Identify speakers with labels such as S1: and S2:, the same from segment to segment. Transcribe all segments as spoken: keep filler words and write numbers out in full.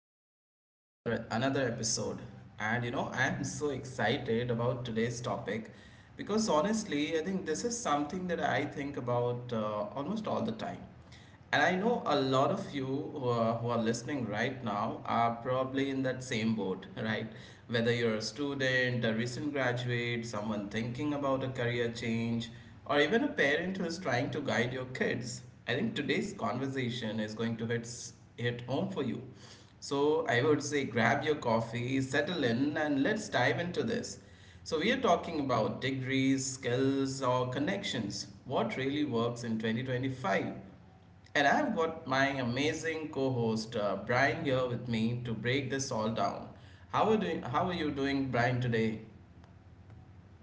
S1: welcome back to another another episode. And you know, I am so excited about today's topic because honestly, I think this is something that I think about uh, almost all the time. And I know a lot of you who are, who are listening right now are probably in that same boat, right? Whether you're a student, a recent graduate, someone thinking about a career change or even a parent who is trying to guide your kids, I think today's conversation is going to hit, s- hit home for you. So, I would say grab your coffee, settle in, and let's dive into this. So, we are talking about degrees, skills, or connections. What really works in twenty twenty-five? And I've got my amazing co host uh, Brian here with me to break this all down. How are, doing, how are you doing, Brian, today?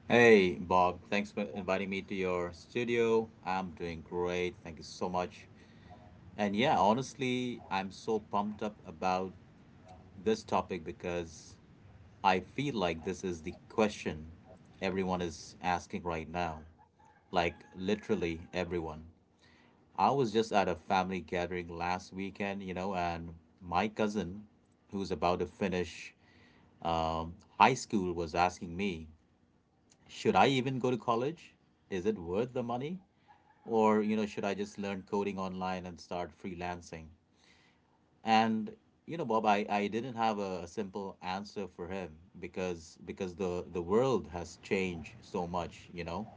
S2: Hey, Bob. Thanks for inviting me to your studio. I'm doing great. Thank you so much. And yeah, honestly, I'm so pumped up about this topic because I feel like this is the question everyone is asking right now. Like, literally, everyone. I was just at a family gathering last weekend, you know, and my cousin, who's about to finish um, high school, was asking me. Should I even go to college? Is it worth the money? Or, you know, should I just learn coding online and start freelancing? And, you know, Bob, I, I didn't have a, a simple answer for him because because the the world has changed so much, you know.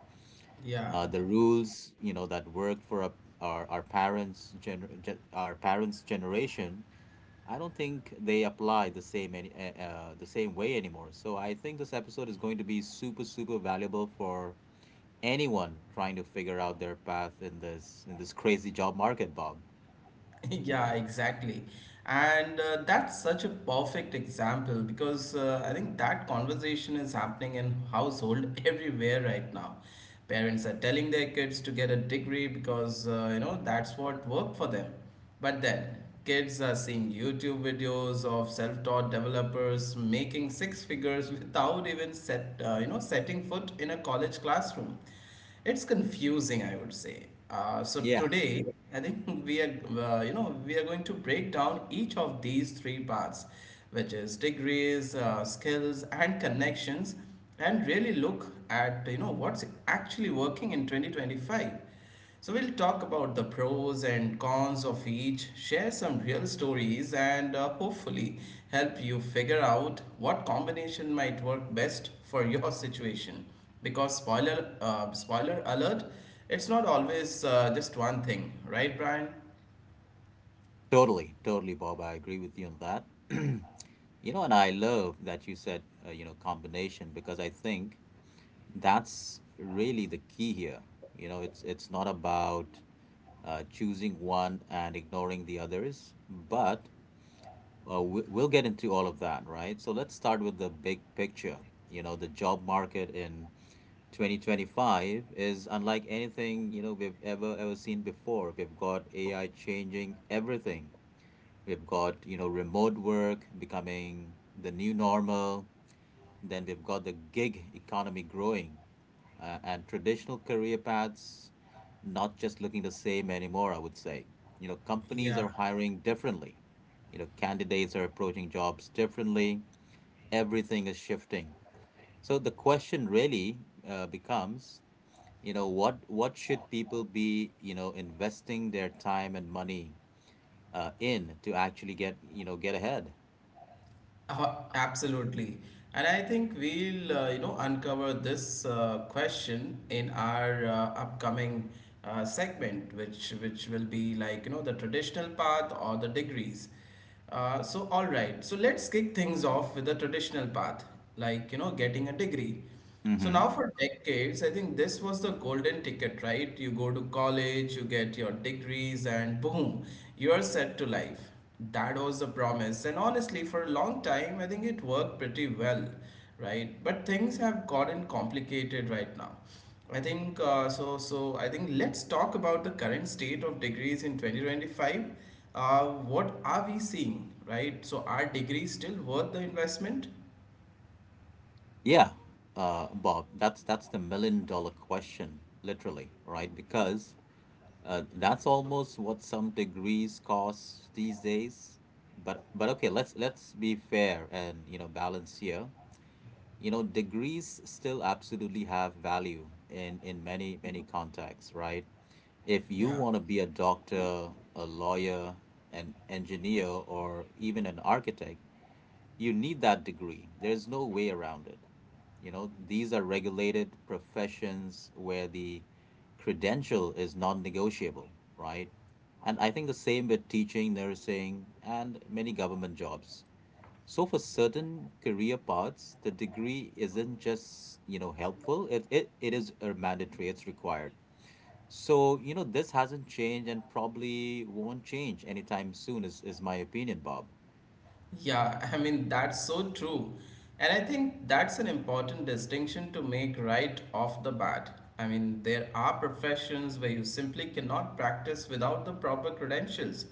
S1: Yeah.
S2: uh, The rules, you know, that work for our our, our, parents gener- ge- our parents' generation, I don't think they apply the same any, uh, uh, the same way anymore. So I think this episode is going to be super super valuable for anyone trying to figure out their path in this in this crazy job market, Bob.
S1: Yeah, exactly. And uh, that's such a perfect example because uh, I think that conversation is happening in household everywhere right now. Parents are telling their kids to get a degree because uh, you know that's what worked for them. But then kids are seeing YouTube videos of self-taught developers making six figures without even set uh, you know setting foot in a college classroom. It's confusing, I would say. Uh, so
S2: Yeah,
S1: today, I think we are, uh, you know, we are going to break down each of these three parts, which is degrees, uh, skills, and connections, and really look at, you know, what's actually working in twenty twenty-five. So we'll talk about the pros and cons of each, share some real stories, and uh, hopefully help you figure out what combination might work best for your situation. Because spoiler, uh, spoiler alert, it's not always uh, just one thing, right, Brian?
S2: totally, totally, Bob. I agree with you on that. You know, and I love that you said, uh, you know, combination, because I think that's really the key here. You know, it's it's not about uh, choosing one and ignoring the others, but uh, we, we'll get into all of that, right? So let's start with the big picture. You know, the job market in twenty twenty-five is unlike anything, you know, we've ever ever seen before. We've got AI changing everything, we've got, you know, remote work becoming the new normal, then we've got the gig economy growing, uh, and traditional career paths not just looking the same anymore, I would say. You know, companies
S1: Yeah.
S2: are hiring differently. You know, candidates are approaching jobs differently. Everything is shifting. So the question really uh, becomes, you know, what what should people be, you know, investing their time and money uh, in to actually get, you know, get ahead?
S1: Uh, absolutely. And I think we'll, uh, you know, uncover this uh, question in our uh, upcoming uh, segment, which which will be like, you know, the traditional path or the degrees. Uh, so all right, so let's kick things off with the traditional path, like, you know, getting a degree. So
S2: Mm-hmm.
S1: now for decades, I think this was the golden ticket, right? You go to college, you get your degrees, and boom, you are set to life. That was the promise. And honestly, for a long time, I think it worked pretty well, right? But things have gotten complicated right now. I think uh, so. So I think let's talk about the current state of degrees in twenty twenty-five. Uh, what are we seeing, right? So are degrees still worth the investment?
S2: Yeah, uh, Bob, that's that's the million dollar question, literally, right? Because uh, that's almost what some degrees cost these days. But but okay, let's let's be fair and, you know, balance here. You know, degrees still absolutely have value in in many many contexts, right? If you
S1: Yeah.
S2: want to be a doctor, a lawyer, an engineer, or even an architect, you need that degree. There's no way around it. You know, these are regulated professions where the credential is non-negotiable, right? And I think the same with teaching, nursing, and many government jobs. So for certain career paths, the degree isn't just, you know, helpful. It it, it is a mandatory, it's required. So, you know, this hasn't changed and probably won't change anytime soon, is, is my opinion, Bob.
S1: Yeah, I mean, that's so true. And I think that's an important distinction to make right off the bat. I mean, there are professions where you simply cannot practice without the proper credentials.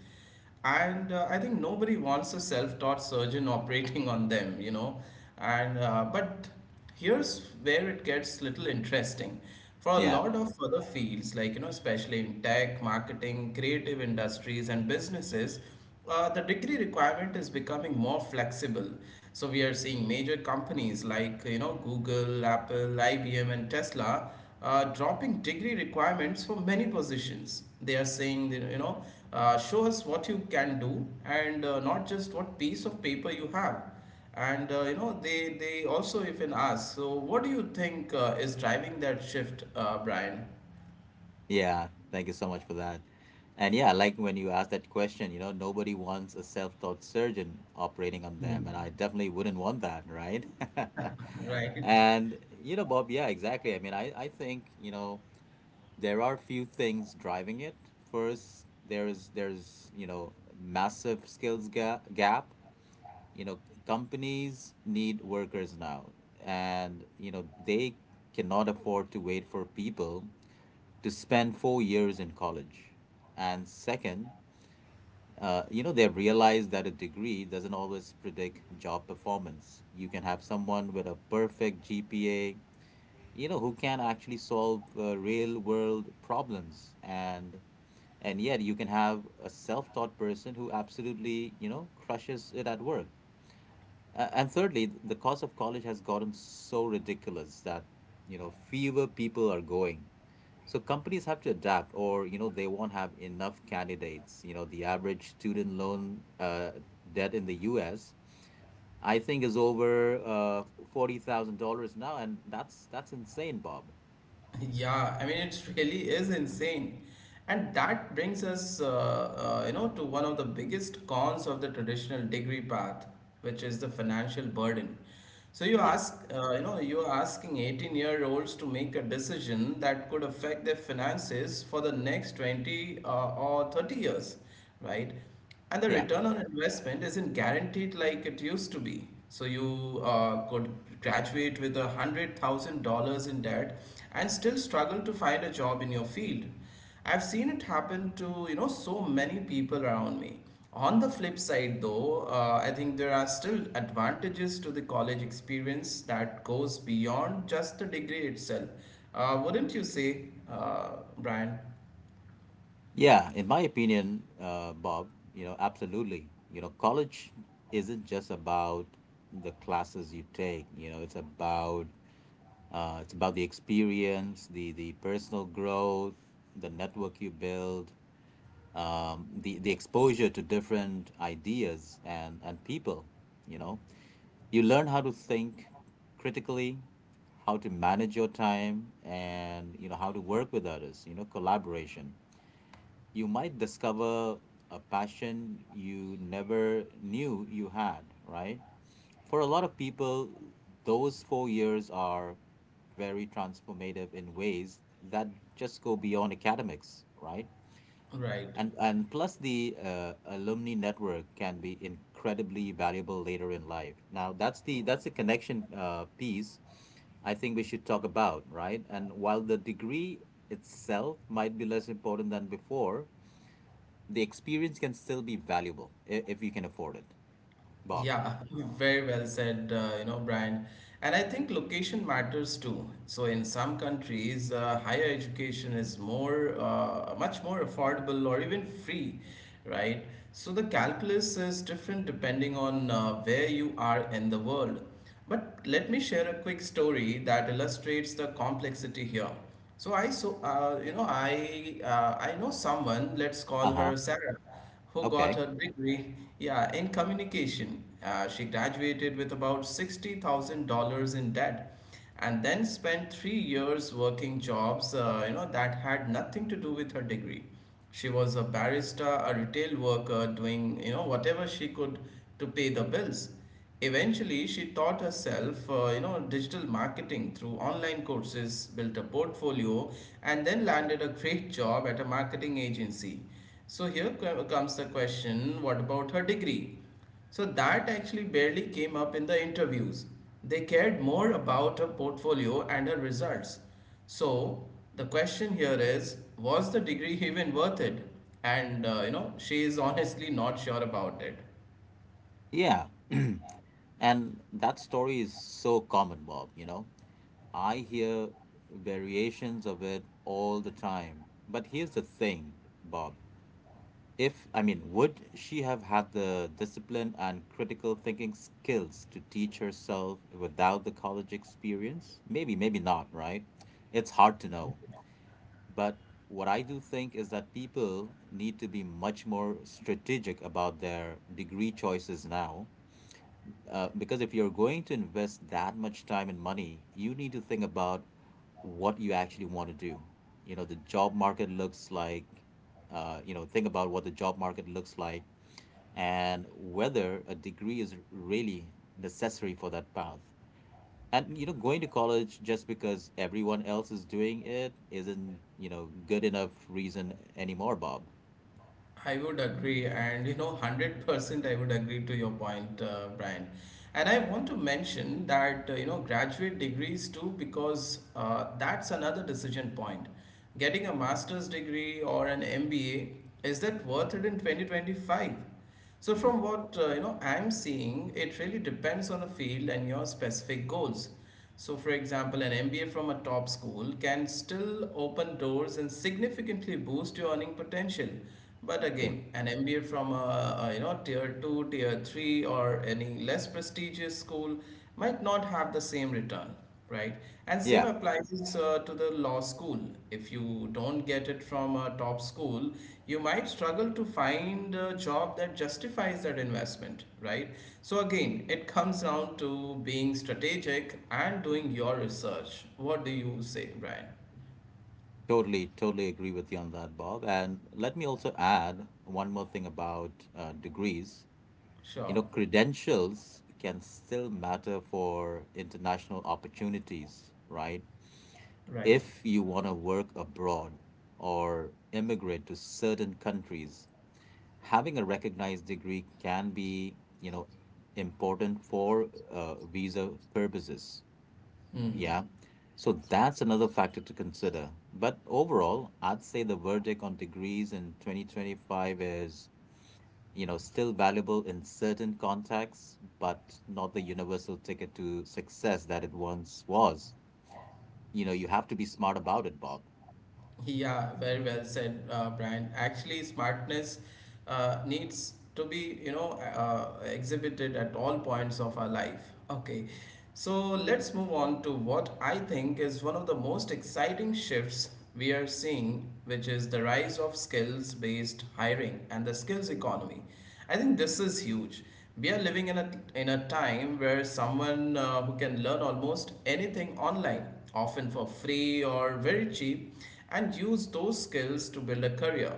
S1: And uh, I think nobody wants a self taught surgeon operating on them, you know. And uh, but here's where it gets little interesting. For a
S2: Yeah.
S1: lot of other fields, like you know, especially in tech, marketing, creative industries, and businesses, uh, the degree requirement is becoming more flexible. So we are seeing major companies like you know Google, Apple, I B M, and Tesla uh, dropping degree requirements for many positions. They are saying that, you know, uh, show us what you can do and uh, not just what piece of paper you have. And uh, you know, they they also even ask, so what do you think uh, is driving that shift, uh, Brian?
S2: Yeah, thank you so much for that. And yeah, like when you asked that question, you know, nobody wants a self-taught surgeon operating on them,
S1: Mhm.
S2: and I definitely wouldn't want that, right?
S1: Right.
S2: And you know, Bob, yeah, exactly. I mean, I I think, you know, there are few things driving it. First, there's there's, you know, massive skills ga gap. You know, companies need workers now, and, you know, they cannot afford to wait for people to spend four years in college. And second, uh, you know, they've realized that a degree doesn't always predict job performance. You can have someone with a perfect G P A, you know, who can actually solve uh, real world problems. And and yet you can have a self-taught person who absolutely, you know, crushes it at work. Uh, and thirdly, th- the cost of college has gotten so ridiculous that, you know, fewer people are going. So companies have to adapt or, you know, they won't have enough candidates. You know, the average student loan uh, debt in the U S, I think is over uh, forty thousand dollars now. And that's that's insane, Bob.
S1: Yeah, I mean it really is insane. And that brings us, uh, uh, you know, to one of the biggest cons of the traditional degree path, which is the financial burden. So you
S2: Yeah.
S1: ask, uh, you know, you're asking eighteen-year-olds to make a decision that could affect their finances for the next twenty uh, or thirty years, right? And the
S2: Yeah.
S1: return on investment isn't guaranteed like it used to be. So you uh, could graduate with a hundred thousand dollars in debt and still struggle to find a job in your field. I've seen it happen to you know so many people around me. On the flip side, though, uh, I think there are still advantages to the college experience that goes beyond just the degree itself. Uh, wouldn't you say, uh, Brian?
S2: Yeah, in my opinion, uh, Bob, you know, absolutely. You know, college isn't just about the classes you take. You know, it's about uh, it's about the experience, the the personal growth, the network you build, um, the the exposure to different ideas and and people. You know, you learn how to think critically, how to manage your time, and, you know, how to work with others. You know, collaboration. You might discover a passion you never knew you had, right? For a lot of people, those four years are very transformative in ways that just go beyond academics, right?
S1: Right.
S2: And, and plus, the uh, alumni network can be incredibly valuable later in life. Now, that's the that's the connection uh, piece I think we should talk about, right? And while the degree itself might be less important than before, the experience can still be valuable i- if you can afford it, Bob.
S1: Yeah, very well said, uh, you know, Brian. And I think location matters too. So in some countries, uh, higher education is more, uh, much more affordable or even free, right? So the calculus is different depending on uh, where you are in the world. But let me share a quick story that illustrates the complexity here. So I so uh, you know I uh, I know someone. Let's
S2: Uh
S1: call
S2: huh.
S1: her Sarah who got
S2: Okay.
S1: her degree, yeah, in communication. Uh, she graduated with about sixty thousand dollars in debt and then spent three years working jobs, uh, you know, that had nothing to do with her degree. She was a barista, a retail worker, doing, you know, whatever she could to pay the bills. Eventually, she taught herself, uh, you know, digital marketing through online courses, built a portfolio, and then landed a great job at a marketing agency. So here comes the question, what about her degree? So that actually barely came up in the interviews. They cared more about her portfolio and her results. So the question here is, was the degree even worth it? And uh, you know, she is honestly not sure about it.
S2: Yeah. And that story is so common, Bob, you know? I hear variations of it all the time. But here's the thing, Bob. If, I mean, would she have had the discipline and critical thinking skills to teach herself without the college experience? Maybe, maybe not, right? It's hard to know. But what I do think is that people need to be much more strategic about their degree choices now. Uh, because if you're going to invest that much time and money, you need to think about what you actually want to do. You know, the job market looks like, uh, you know, Think about what the job market looks like and whether a degree is really necessary for that path. And, you know, going to college just because everyone else is doing it isn't, you know, good enough reason anymore, Bob.
S1: I would agree, and you know, one hundred percent I would agree to your point, uh, Brian. And I want to mention that, uh, you know, graduate degrees too, because uh, that's another decision point. Getting a master's degree or an M B A, is that worth it in twenty twenty-five? So from
S2: Mhm.
S1: what uh, you know I'm seeing, it really depends on the field and your specific goals. So for example, an M B A from a top school can still open doors and significantly boost your earning potential. But
S2: True.
S1: again, an M B A from a, a you know tier two, tier three or any less prestigious school might not have the same return. Right. And same
S2: Yeah,
S1: applies uh, to the law school. If you don't get it from a top school, you might struggle to find a job that justifies that investment, right? So again, it comes down to being strategic and doing your research. What do you say, Brian?
S2: totally totally agree with you on that, Bob. And let me also add one more thing about uh, degrees. You
S1: Sure.
S2: know, credentials can still matter for international opportunities, right?
S1: Right.
S2: If you want to work abroad or immigrate to certain countries, having a recognized degree can be, you know, important for uh, visa purposes.
S1: Hmm.
S2: Yeah. So that's another factor to consider. But overall, I'd say the verdict on degrees in twenty twenty-five is, you know, still valuable in certain contexts, but not the universal ticket to success that it once was. You know, you have to be smart about it, Bob.
S1: Yeah, very well said, uh, Brian. Actually, smartness uh, needs to be, you know, uh, exhibited at all points of our life. Okay, so let's move on to what I think is one of the most exciting shifts we are seeing, which is the rise of skills based hiring and the skills economy. I think this is huge. We are living in a, in a time where someone uh, who can learn almost anything online often for free or very cheap, and use those skills to build a career.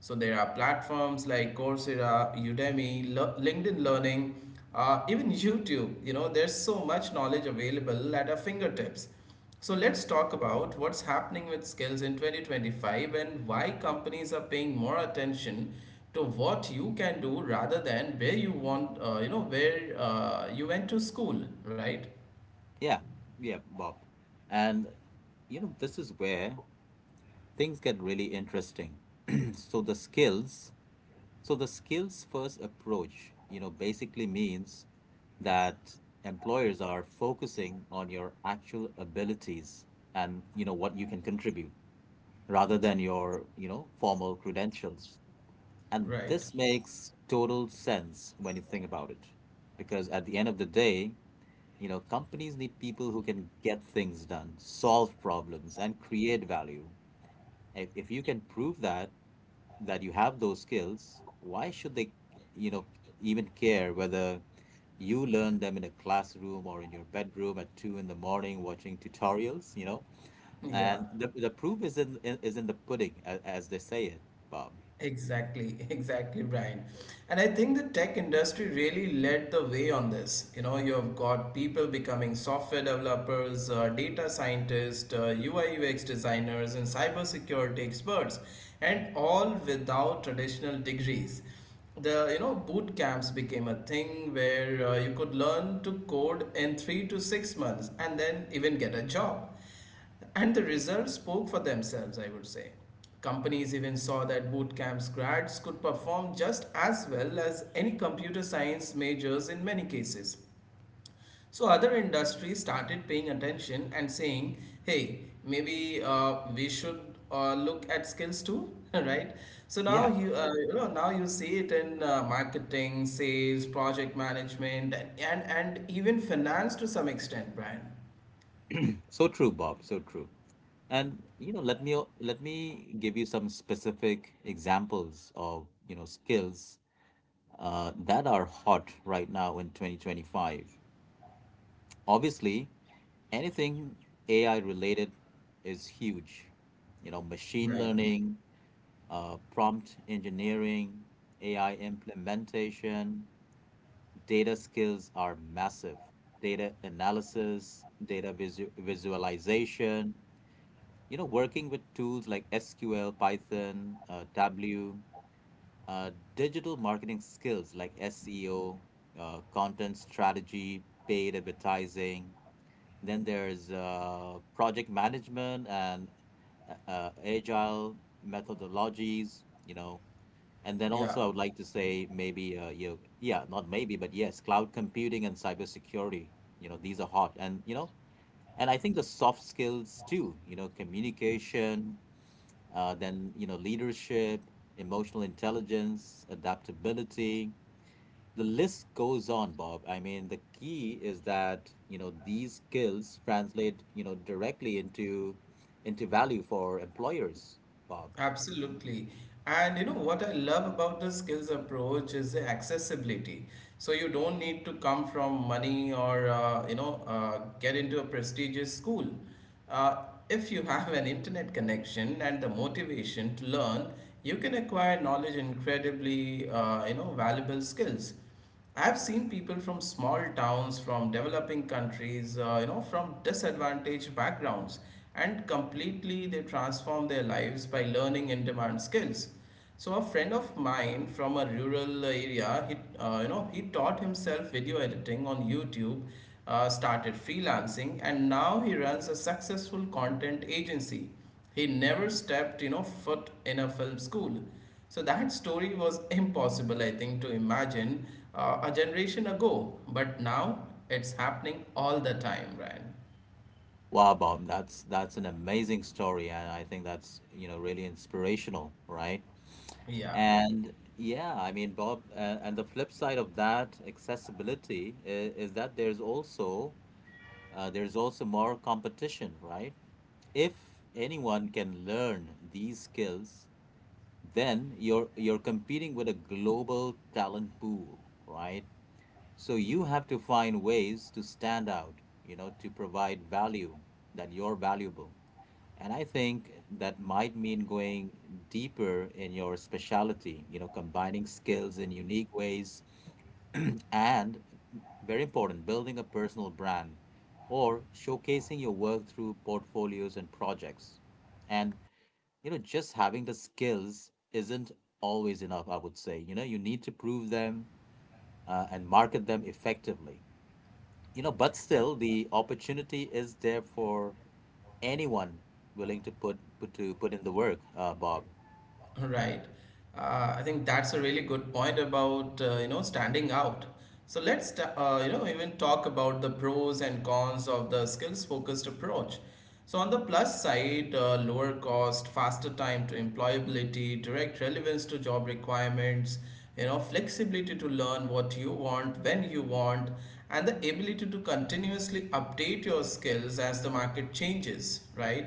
S1: So there are platforms like Coursera, Udemy, Le- LinkedIn Learning, uh, even YouTube. You know, there's so much knowledge available at our fingertips. So let's talk about what's happening with skills in twenty twenty-five and why companies are paying more attention to what you can do rather than where you want, uh, you know, where uh, you went to school, right?
S2: Yeah. Yeah, Bob. And, you know, this is where things get really interesting. so the skills, so the skills first approach, you know, basically means that employers are focusing on your actual abilities and, you know, what you can contribute rather than your, you know, formal credentials. And
S1: Right.
S2: this makes total sense when you think about it. Because at the end of the day, you know, companies need people who can get things done, solve problems, and create value. If, if you can prove that, that you have those skills, why should they, you know, even care whether you learn them in a classroom or in your bedroom at two in the morning watching tutorials, you know?
S1: Yeah.
S2: And the, the proof is in in- is in the pudding, as, as they say it, Bob.
S1: Exactly, exactly, Brian. And I think the tech industry really led the way on this. You know, you have got people becoming software developers, uh, data scientists, uh, U I U X designers, and cybersecurity experts, and all without traditional degrees. The you know boot camps became a thing where uh, you could learn to code in three to six months and then even get a job. And the results spoke for themselves, I would say. Companies even saw that boot camps grads could perform just as well as any computer science majors in many cases. So other industries started paying attention and saying, hey, maybe uh, we should uh, look at skills too, right? So now
S2: Yeah,
S1: you, uh, you know, now you see it in uh, marketing, sales, project management, and, and, and even finance to some extent, Brian.
S2: so true, Bob, so true. And you know, let me let me give you some specific examples of, you know, skills uh, that are hot right now in twenty twenty-five. Obviously, anything A I related is huge. You know, machine
S1: Right.
S2: learning, uh, prompt engineering, A I implementation, data skills are massive. Data analysis, data visu- visualization, you know, working with tools like S Q L, Python, uh, Tableau, uh, digital marketing skills like S E O, uh, content strategy, paid advertising, then there's uh, project management and a- uh, agile methodologies, you know. And then
S1: Yeah.
S2: also, I would like to say maybe, uh, you know, yeah, not maybe, but yes, cloud computing and cybersecurity, you know, these are hot. And, you know, and I think the soft skills too, you know, communication, uh, then, you know, leadership, emotional intelligence, adaptability, the list goes on, Bob. I mean, the key is that, you know, these skills translate, you know, directly into into value for employers, Bob.
S1: Absolutely. And you know what I love about the skills approach is the accessibility. So you don't need to come from money or uh, you know uh, get into a prestigious school. Uh, if you have an internet connection and the motivation to learn, you can acquire knowledge incredibly uh, you know valuable skills. I've seen people from small towns, from developing countries, uh, you know, from disadvantaged backgrounds, and completely they transform their lives by learning in demand skills. So a friend of mine from a rural area, he, uh, you know, he taught himself video editing on YouTube, uh, started freelancing, and now he runs a successful content agency. He never stepped, you know, foot in a film school. So that story was impossible, I think, to imagine uh, a generation ago, but now it's happening all the time, right?
S2: Wow, Bob, that's that's an amazing story, and I think that's, you know, really inspirational, right?
S1: Yeah.
S2: And yeah, I mean, Bob, uh, and the flip side of that accessibility is, is that there's also uh, there's also more competition, right? If anyone can learn these skills, then you're you're competing with a global talent pool, right? So you have to find ways to stand out, you know, to provide value, that you're valuable. And I think that might mean going deeper in your specialty, you know, combining skills in unique ways, and, very important, building a personal brand or showcasing your work through portfolios and projects. And you know, just having the skills isn't always enough, I would say. You know, you need to prove them uh, and market them effectively. You know, but still, the opportunity is there for anyone willing to put, put to put in the work, uh, Bob.
S1: Right. Uh, I think that's a really good point about uh, you know standing out. So let's ta- uh, you know even talk about the pros and cons of the skills focused approach. So on the plus side, uh, lower cost, faster time to employability, direct relevance to job requirements, you know, flexibility to learn what you want when you want, and the ability to continuously update your skills as the market changes. Right,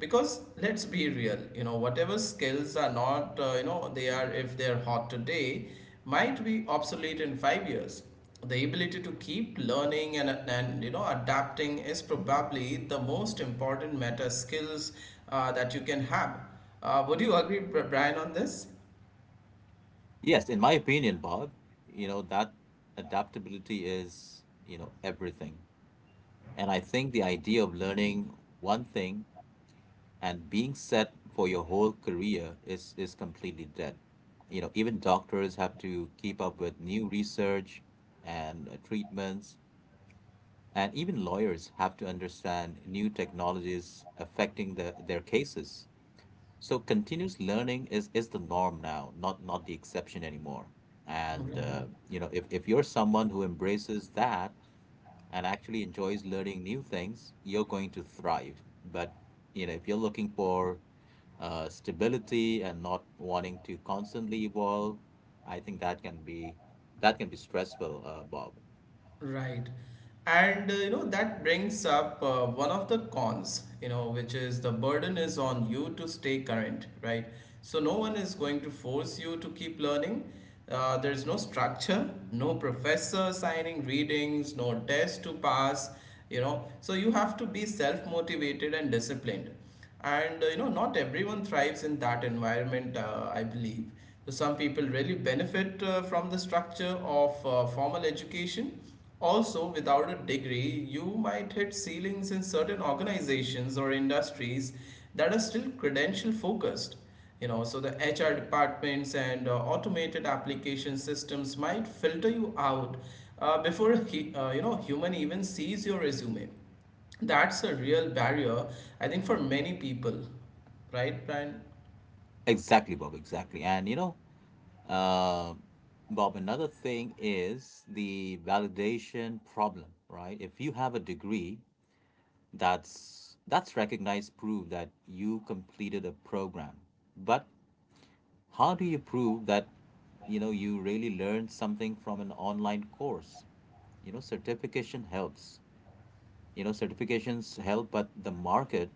S1: because let's be real, you know, whatever skills are not uh, you know they are, if they are hot today, might be obsolete in five years. The ability to keep learning and, and you know, adapting is probably the most important meta skills uh, that you can have. Uh, would you agree Bri- brian on this?
S2: Yes, in my opinion, Bob, you know, that adaptability is, you know, everything. And I think the idea of learning one thing and being set for your whole career is is completely dead. You know, even doctors have to keep up with new research and uh, treatments, and even lawyers have to understand new technologies affecting the, their cases. So continuous learning is is the norm now, not not the exception anymore. And uh,
S1: Right.
S2: You know, if if you're someone who embraces that, and actually enjoys learning new things, you're going to thrive. But you know, if you're looking for uh, stability and not wanting to constantly evolve, I think that can be that can be stressful, uh, Bob.
S1: Right. And uh, you know, that brings up uh, one of the cons, you know, which is the burden is on you to stay current, right? So no one is going to force you to keep learning. Uh, there's no structure, no professor signing readings, no test to pass, you know. So you have to be self motivated and disciplined and uh, you know, not everyone thrives in that environment, uh, I believe. So some people really benefit uh, from the structure of uh, formal education. Also, without a degree, you might hit ceilings in certain organizations or industries that are still credential focused. You know, so the HR departments and uh, automated application systems might filter you out uh, before he, uh, you know human even sees your resume. That's a real barrier, I think, for many people, right, Brian?
S2: Exactly, Bob. Exactly. And you know, uh, Bob, another thing is the validation problem, right? If you have a degree, that's that's recognized proof that you completed a program, but how do you prove that you know you really learned something from an online course? You know, certification helps. You know, certifications help, but the market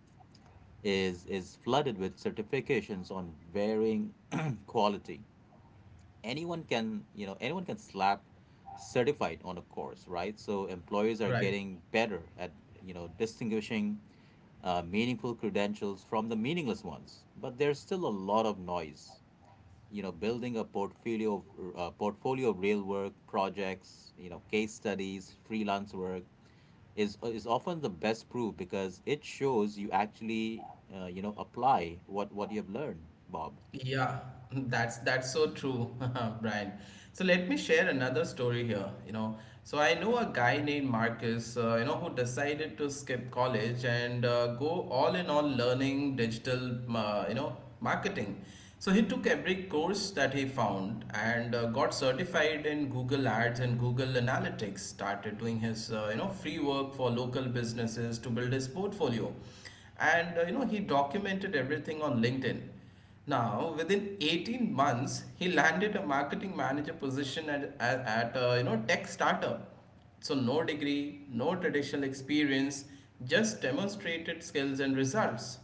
S2: is is flooded with certifications on varying quality. Anyone can, you know, anyone can slap certified on a course, right? So employers are
S1: Right.
S2: getting better at, you know, distinguishing uh, meaningful credentials from the meaningless ones, but there's still a lot of noise. You know, building a portfolio of uh, portfolio of real work projects, you know, case studies, freelance work is is often the best proof, because it shows you actually uh, you know apply what what you've learned, Bob.
S1: Yeah, that's that's so true, Brian. So let me share another story here. You know, so I know a guy named Marcus. Uh, you know, who decided to skip college and uh, go all in all learning digital. Uh, you know, marketing. So he took every course that he found and uh, got certified in Google Ads and Google Analytics. Started doing his uh, you know free work for local businesses to build his portfolio, and uh, you know, he documented everything on LinkedIn. Now, within eighteen months, he landed a marketing manager position at, at, at a you know, tech startup. So no degree, no traditional experience, just demonstrated skills and results.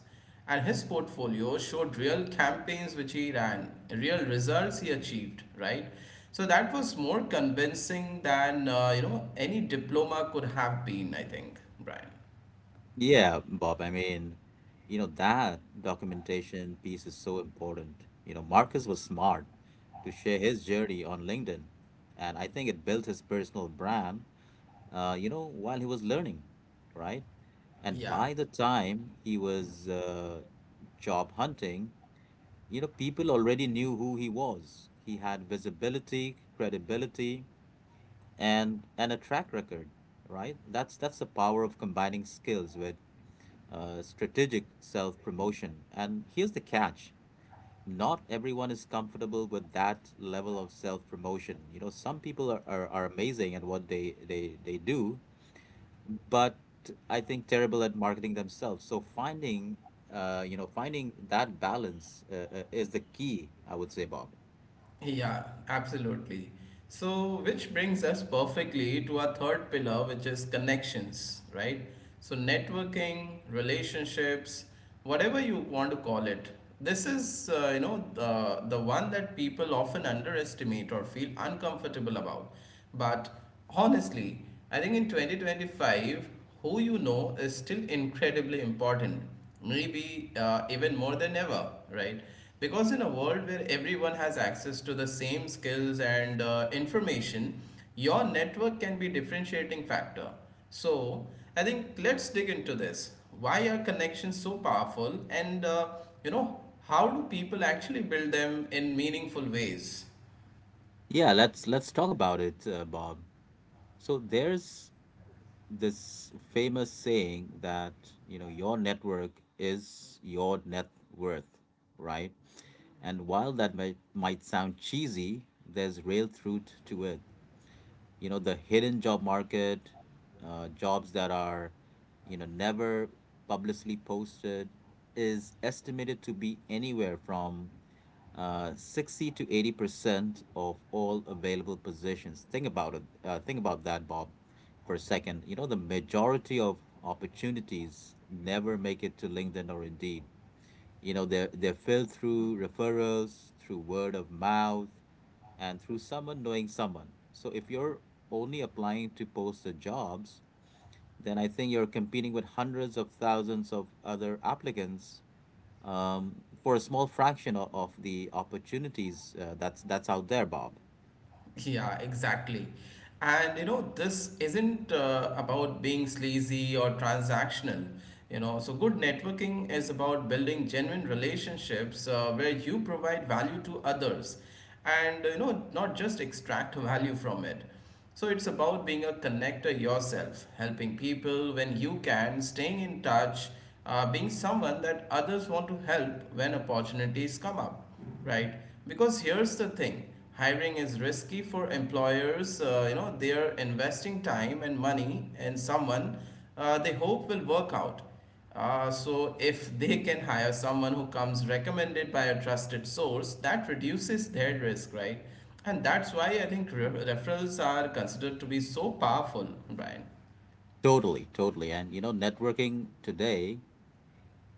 S1: And his portfolio showed real campaigns which he ran, real results he achieved, right? So that was more convincing than uh, you know any diploma could have been, I think, Brian.
S2: Yeah, Bob, I mean, you know, that documentation piece is so important. You know, Marcus was smart to share his journey on LinkedIn, and I think it built his personal brand, uh, you know, while he was learning, right? And
S1: Yeah.
S2: by the time he was uh, job hunting, you know, people already knew who he was. He had visibility, credibility, and and a track record, right? That's that's the power of combining skills with uh, strategic self promotion. And here's the catch: not everyone is comfortable with that level of self promotion. You know, some people are, are, are amazing at what they, they, they do, but I think terrible at marketing themselves. So finding, uh, you know, finding that balance uh, uh, is the key, I would say, Bob.
S1: Yeah, absolutely. So, which brings us perfectly to our third pillar, which is connections, right? So, networking, relationships, whatever you want to call it. This is, uh, you know, the, the one that people often underestimate or feel uncomfortable about. But honestly, I think in twenty twenty-five, who you know is still incredibly important, maybe uh, even more than ever, right? Because in a world where everyone has access to the same skills and uh, information, your network can be differentiating factor. So I think let's dig into this. Why are connections so powerful, and uh, you know how do people actually build them in meaningful ways?
S2: Yeah, let's let's talk about it, uh, Bob. So there's this famous saying that, you know, your network is your net worth, right? And while that might, might sound cheesy, there's real truth to it. You know, the hidden job market, uh, jobs that are, you know, never publicly posted, is estimated to be anywhere from uh, sixty to eighty percent of all available positions. Think about it, uh, think about that, Bob, for a second. You know, the majority of opportunities never make it to LinkedIn or Indeed. You know, they're, they're filled through referrals, through word of mouth, and through someone knowing someone. So if you're only applying to posted jobs, then I think you're competing with hundreds of thousands of other applicants, um, for a small fraction of, of the opportunities uh, that's that's out there, Bob.
S1: Yeah, exactly. And you know, this isn't uh, about being sleazy or transactional. You know, so good networking is about building genuine relationships uh, where you provide value to others, and you know, not just extract value from it. So it's about being a connector yourself, helping people when you can, staying in touch, uh, being someone that others want to help when opportunities come up, right? Because here's the thing, hiring is risky for employers. Uh, you know, they are investing time and money in someone uh, they hope will work out. Uh, so if they can hire someone who comes recommended by a trusted source, that reduces their risk, right? And that's why I think re- referrals are considered to be so powerful, Brian.
S2: Totally, totally. And you know, networking today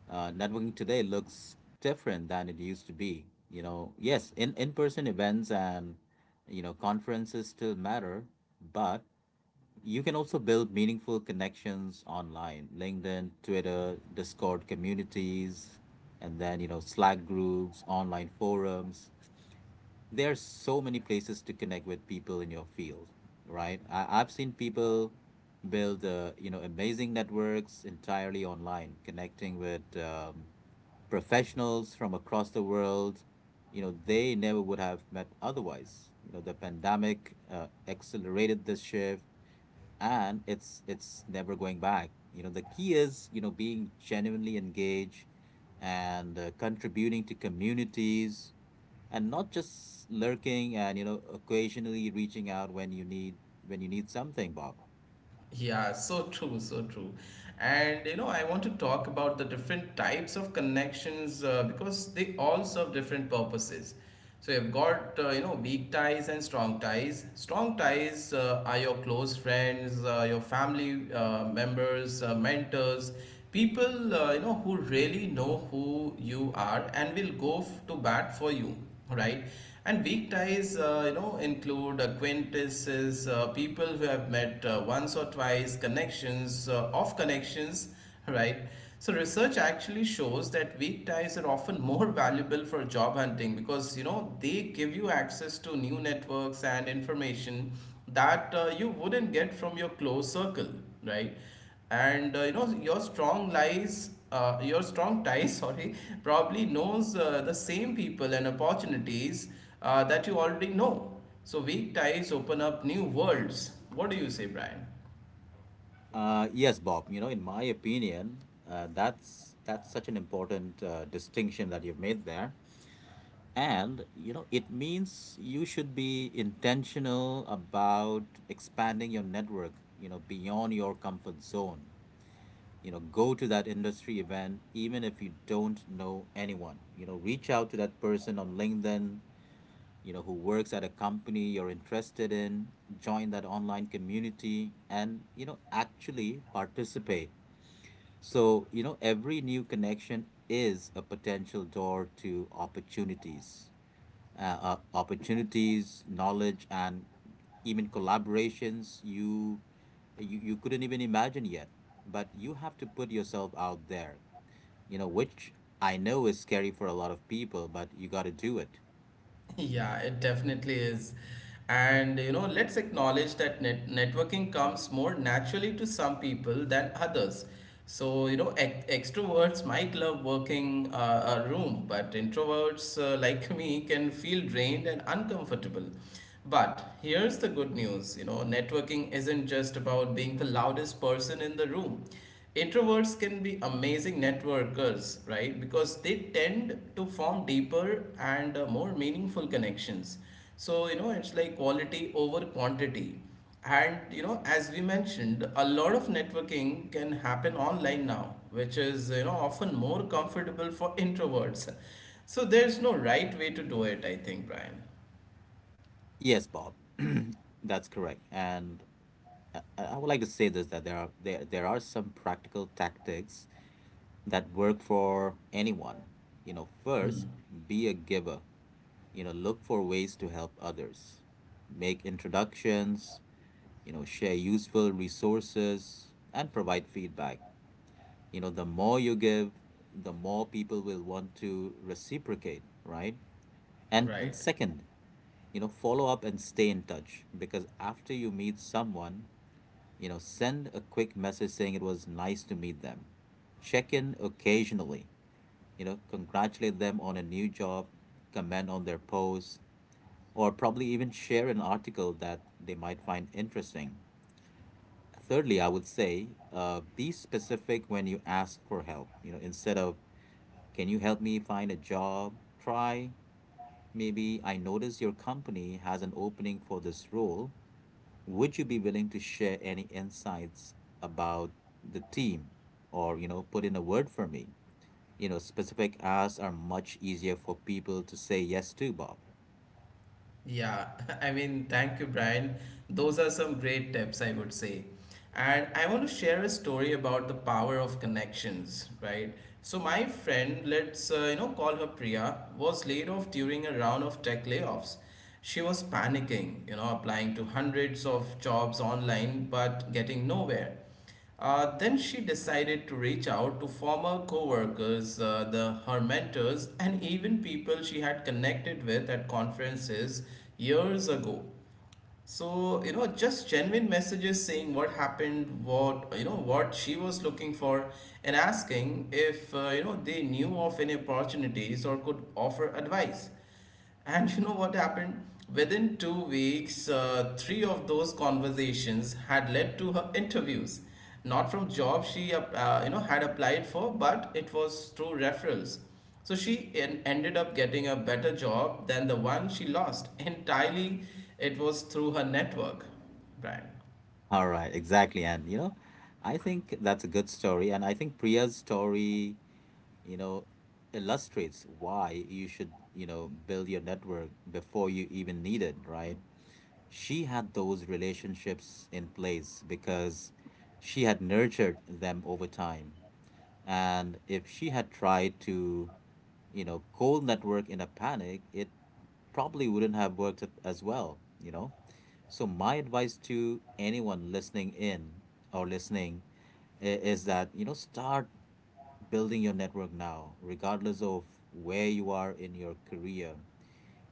S2: uh, networking today looks different than it used to be. You know, yes, in in person events and you know conferences still matter, but you can also build meaningful connections online: LinkedIn, Twitter, Discord communities, and then you know Slack groups, online forums. There's so many places to connect with people in your field, right? I, I've seen people build, uh, you know, amazing networks entirely online, connecting with um, professionals from across the world. You know, they never would have met otherwise. You know, the pandemic uh, accelerated this shift, and it's it's never going back. You know, the key is, you know, being genuinely engaged and uh, contributing to communities and not just lurking and you know occasionally reaching out when you need when you need something bob.
S1: Yeah, so true, so true. And you know, I want to talk about the different types of connections uh, because they all serve different purposes. So you've got uh, you know weak ties and strong ties. Strong ties uh, are your close friends, uh, your family uh, members, uh, mentors, people uh, you know, who really know who you are and will go f- to bat for you, right? And weak ties, uh, you know, include acquaintances, uh, people who have met uh, once or twice, connections, uh, off connections, right? So research actually shows that weak ties are often more valuable for job hunting, because you know, they give you access to new networks and information that uh, you wouldn't get from your close circle, right? and uh, you know your strong lies uh, your strong ties, sorry, probably knows uh, the same people and opportunities uh, that you already know. So weak ties open up new worlds. What do you say, Brian?
S2: Uh, yes, Bob, you know, in my opinion, uh, that's that's such an important uh, distinction that you've made there. And you know it means you should be intentional about expanding your network, you know, beyond your comfort zone. You know, go to that industry event even if you don't know anyone. You know, reach out to that person on LinkedIn, you know, who works at a company you're interested in, join that online community and, you know, actually participate. So, you know, every new connection is a potential door to opportunities, uh, uh, opportunities, knowledge, and even collaborations you, you you couldn't even imagine yet. But you have to put yourself out there, you know, which I know is scary for a lot of people, but you got to do it.
S1: Yeah, it definitely is. And you know, let's acknowledge that net networking comes more naturally to some people than others. So, you know, ex extroverts might love working uh, a room, but introverts uh, like, me, can feel drained and uncomfortable. But here's the good news, you know, networking isn't just about being the loudest person in the room. Introverts can be amazing networkers, right? Because they tend to form deeper and uh, more meaningful connections. So, you know, it's like quality over quantity. And, you know, as we mentioned, a lot of networking can happen online now, which is, you know, often more comfortable for introverts. So, there's no right way to do it, I think, Brian.
S2: Yes, Bob, that's correct. And I I would like to say this, that there are there there are some practical tactics that work for anyone. You know,
S1: Hmm.
S2: first, be a giver. You know, look for ways to help others. Make introductions, you know, share useful resources and provide feedback. You know, the more you give, the more people will want to reciprocate, right? And
S1: Right.
S2: and second, you know, follow up and stay in touch, because after you meet someone, you know, send a quick message saying it was nice to meet them, check in occasionally, you know, congratulate them on a new job, comment on their posts, or probably even share an article that they might find interesting. Thirdly, I would say, uh, be specific when you ask for help. You know, instead of, can you help me find a job? Try, maybe, I notice your company has an opening for this role. Would you be willing to share any insights about the team or, you know, put in a word for me? You know, specific asks are much easier for people to say yes to, Bob.
S1: Yeah, I mean, thank you, Brian. Those are some great tips, I would say. And I want to share a story about the power of connections, right? So my friend, let's uh, you know call her Priya, was laid off during a round of tech layoffs. She was panicking, you know, applying to hundreds of jobs online but getting nowhere. Uh, then she decided to reach out to former co-workers, uh, the, her mentors, and even people she had connected with at conferences years ago. So, you know, just genuine messages saying what happened, what, you know, what she was looking for, and asking if, uh, you know, they knew of any opportunities or could offer advice. And you know what happened? Within two weeks, uh, three of those conversations had led to her interviews, not from jobs she ap- uh, you know had applied for, but it was through referrals. So she en- ended up getting a better job than the one she lost. Entirely, it was through her network, Brian.
S2: All right, exactly. And, you know, I think that's a good story. And I think Priya's story, you know, illustrates why you should, you know, build your network before you even need it, right? She had those relationships in place because she had nurtured them over time. And if she had tried to, you know, cold network in a panic, it probably wouldn't have worked at- as well, you know? So, my advice to anyone listening in or listening i- is that, you know, start building your network now, regardless of where you are in your career,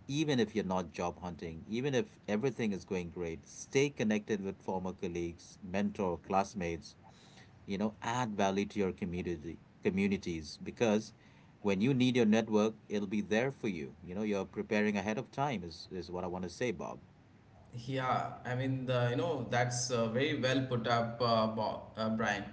S2: even if you're not job hunting, even if everything is going great. Stay connected with former colleagues, mentor, classmates, you know, add value to your community communities, because when you need your network, it'll be there for you. You know, you're preparing ahead of time is, is what I want to say, Bob.
S1: Yeah, I mean, the, you know, that's uh, very well put up, uh, Bo- uh, Brian.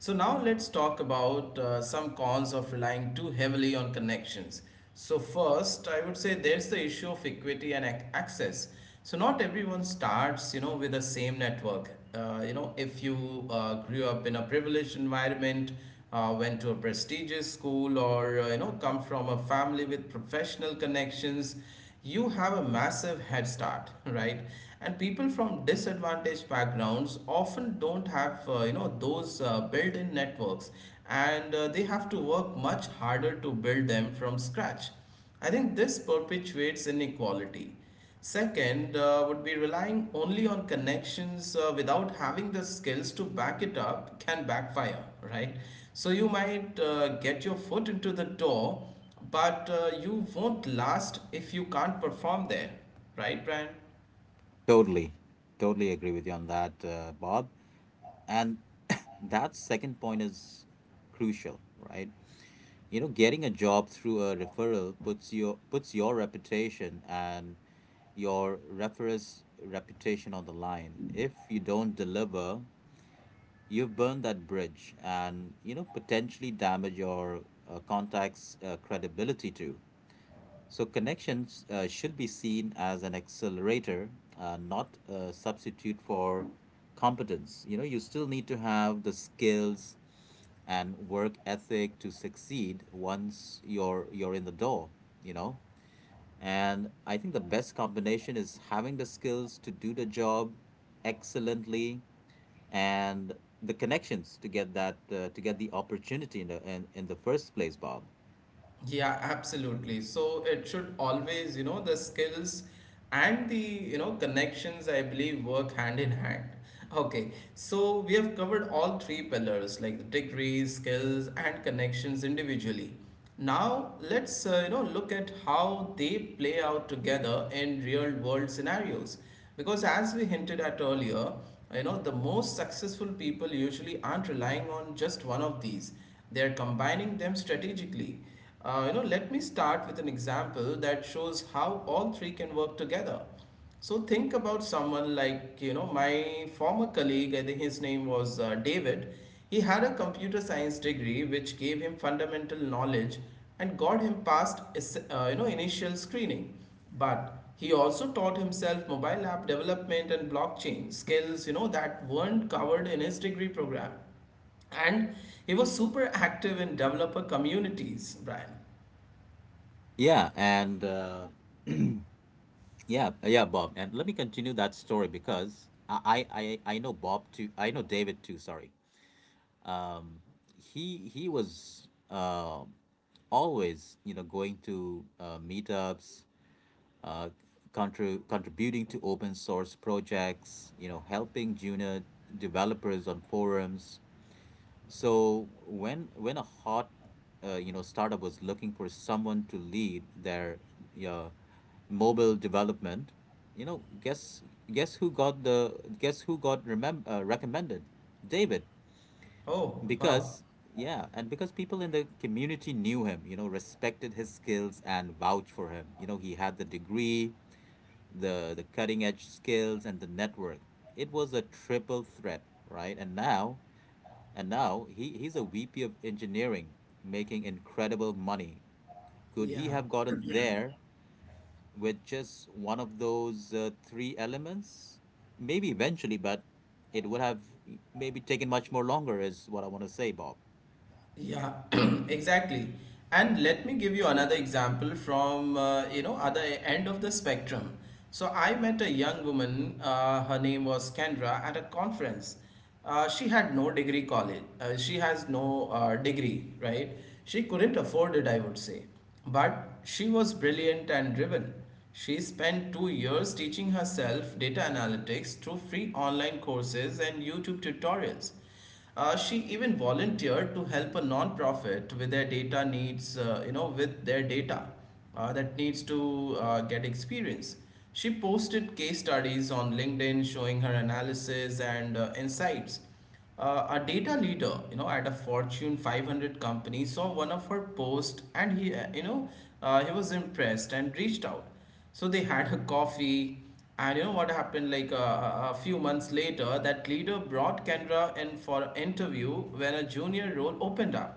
S1: So now let's talk about uh, some cons of relying too heavily on connections. So first, I would say there's the issue of equity and ac- access. So not everyone starts, you know, with the same network. Uh, you know, if you uh, grew up in a privileged environment, uh, went to a prestigious school, or uh, you know, come from a family with professional connections, you have a massive head start, right? And people from disadvantaged backgrounds often don't have uh, you know those uh, built-in networks, and uh, they have to work much harder to build them from scratch. I think this perpetuates inequality. Second, uh, would be relying only on connections uh, without having the skills to back it up can backfire, right? So you might uh, get your foot into the door, but uh, you won't last if you can't perform there, right, Brian?
S2: Totally. Totally agree with you on that, uh, Bob. And that second point is crucial, right? You know, getting a job through a referral puts your puts your reputation and your referral's reputation on the line. If you don't deliver, you've burned that bridge and you know potentially damage your uh, contacts uh, credibility too. So connections uh, should be seen as an accelerator, uh, not a substitute for competence. You know, you still need to have the skills and work ethic to succeed once you're you're in the door. You know, and I think the best combination is having the skills to do the job excellently, and the connections to get that uh, to get the opportunity in the in, in the first place, Bob.
S1: Yeah, absolutely. So it should always, you know, the skills and the, you know, connections, I believe, work hand in hand. Okay, so we have covered all three pillars like the degrees, skills, and connections individually. Now let's, uh, you know, look at how they play out together in real world scenarios. Because as we hinted at earlier, you know, the most successful people usually aren't relying on just one of these, they're combining them strategically. Uh, you know, let me start with an example that shows how all three can work together. So think about someone like, you know, my former colleague, I think his name was uh, David. He had a computer science degree which gave him fundamental knowledge and got him past, es- uh, you know, initial screening. But he also taught himself mobile app development and blockchain skills, you know, that weren't covered in his degree program, and he was super active in developer communities, Brian.
S2: yeah and uh, yeah uh, yeah, Bob, and let me continue that story, because I, I i I know Bob too, I know David too, sorry. um, he he was um always you know going to uh, meetups, uh, contri- contributing to open source projects, you know helping junior developers on forums. So when when a hot uh, you know startup was looking for someone to lead their uh, mobile development, you know, guess guess who got the guess who got remem- uh, recommended? David.
S1: Oh, wow.
S2: Because, yeah, and because people in the community knew him, you know, respected his skills and vouched for him. You know, he had the degree, the the cutting edge skills and the network. It was a triple threat, right? And now, and now he he's a V P of engineering, making incredible money. Could he
S1: Yeah,
S2: have gotten there with just one of those uh, three elements? Maybe eventually, but it would have maybe taken much more longer, is what I want to say, Bob.
S1: yeah, exactly. And let me give you another example from, uh, you know, other end of the spectrum. So I met a young woman, uh, her name was Kendra, at a conference. Uh, she had no degree college. Uh, she has no uh, degree, right? She couldn't afford it, I would say. But she was brilliant and driven. She spent two years teaching herself data analytics through free online courses and YouTube tutorials. Uh, she even volunteered to help a non-profit with their data needs, uh, you know, with their data uh, that needs to uh, get experience. She posted case studies on LinkedIn showing her analysis and uh, insights. Uh, a data leader, you know, at a Fortune five hundred company saw one of her posts and he, uh, you know, uh, he was impressed and reached out. So they had a coffee, and you know what happened? Like uh, a a few months later, that leader brought Kendra in for an interview when a junior role opened up.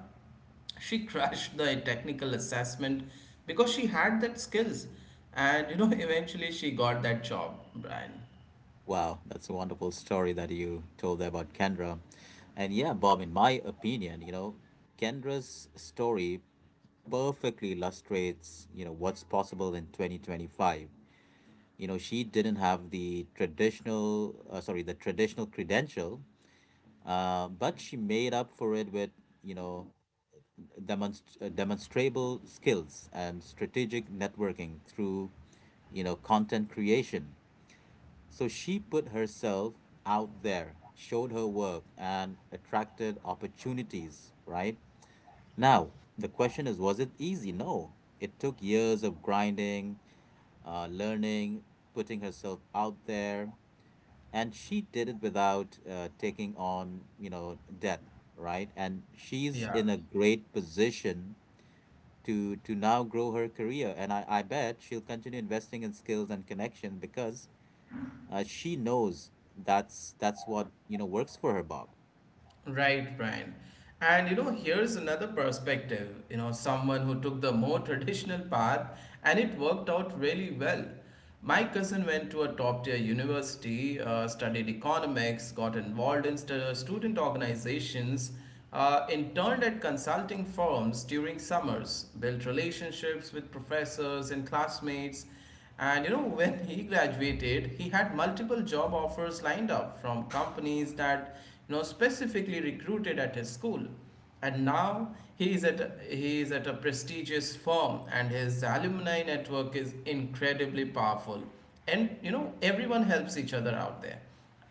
S1: She crashed the technical assessment because she had that skills, and you know eventually she got that job, Brian.
S2: Wow, that's a wonderful story that you told there about Kendra. And yeah, Bob, in my opinion, you know, Kendra's story perfectly illustrates, you know, what's possible in twenty twenty-five. You know, she didn't have the traditional, uh, sorry, the traditional credential, uh, but she made up for it with, you know, demonst- uh, demonstrable skills and strategic networking through, you know, content creation, so she put herself out there, showed her work, and attracted opportunities, right? Now, the question is, was it easy? No. It took years of grinding, uh, learning, putting herself out there, and she did it without uh, taking on, you know, debt, right? And she's
S1: Yeah.
S2: in a great position to to now grow her career, and I, I bet she'll continue investing in skills and connection because uh, she knows that's that's what, you know, works for her, Bob.
S1: Right, Brian. And you know, here's another perspective. You know, someone who took the more traditional path and it worked out really well. My cousin went to a top tier university, uh, studied economics, got involved in stu- student organizations, uh, interned at consulting firms during summers, built relationships with professors and classmates. And you know, when he graduated, he had multiple job offers lined up from companies that you know specifically recruited at his school. And now he is at a, he is at a prestigious firm, and his alumni network is incredibly powerful. And you know, everyone helps each other out there.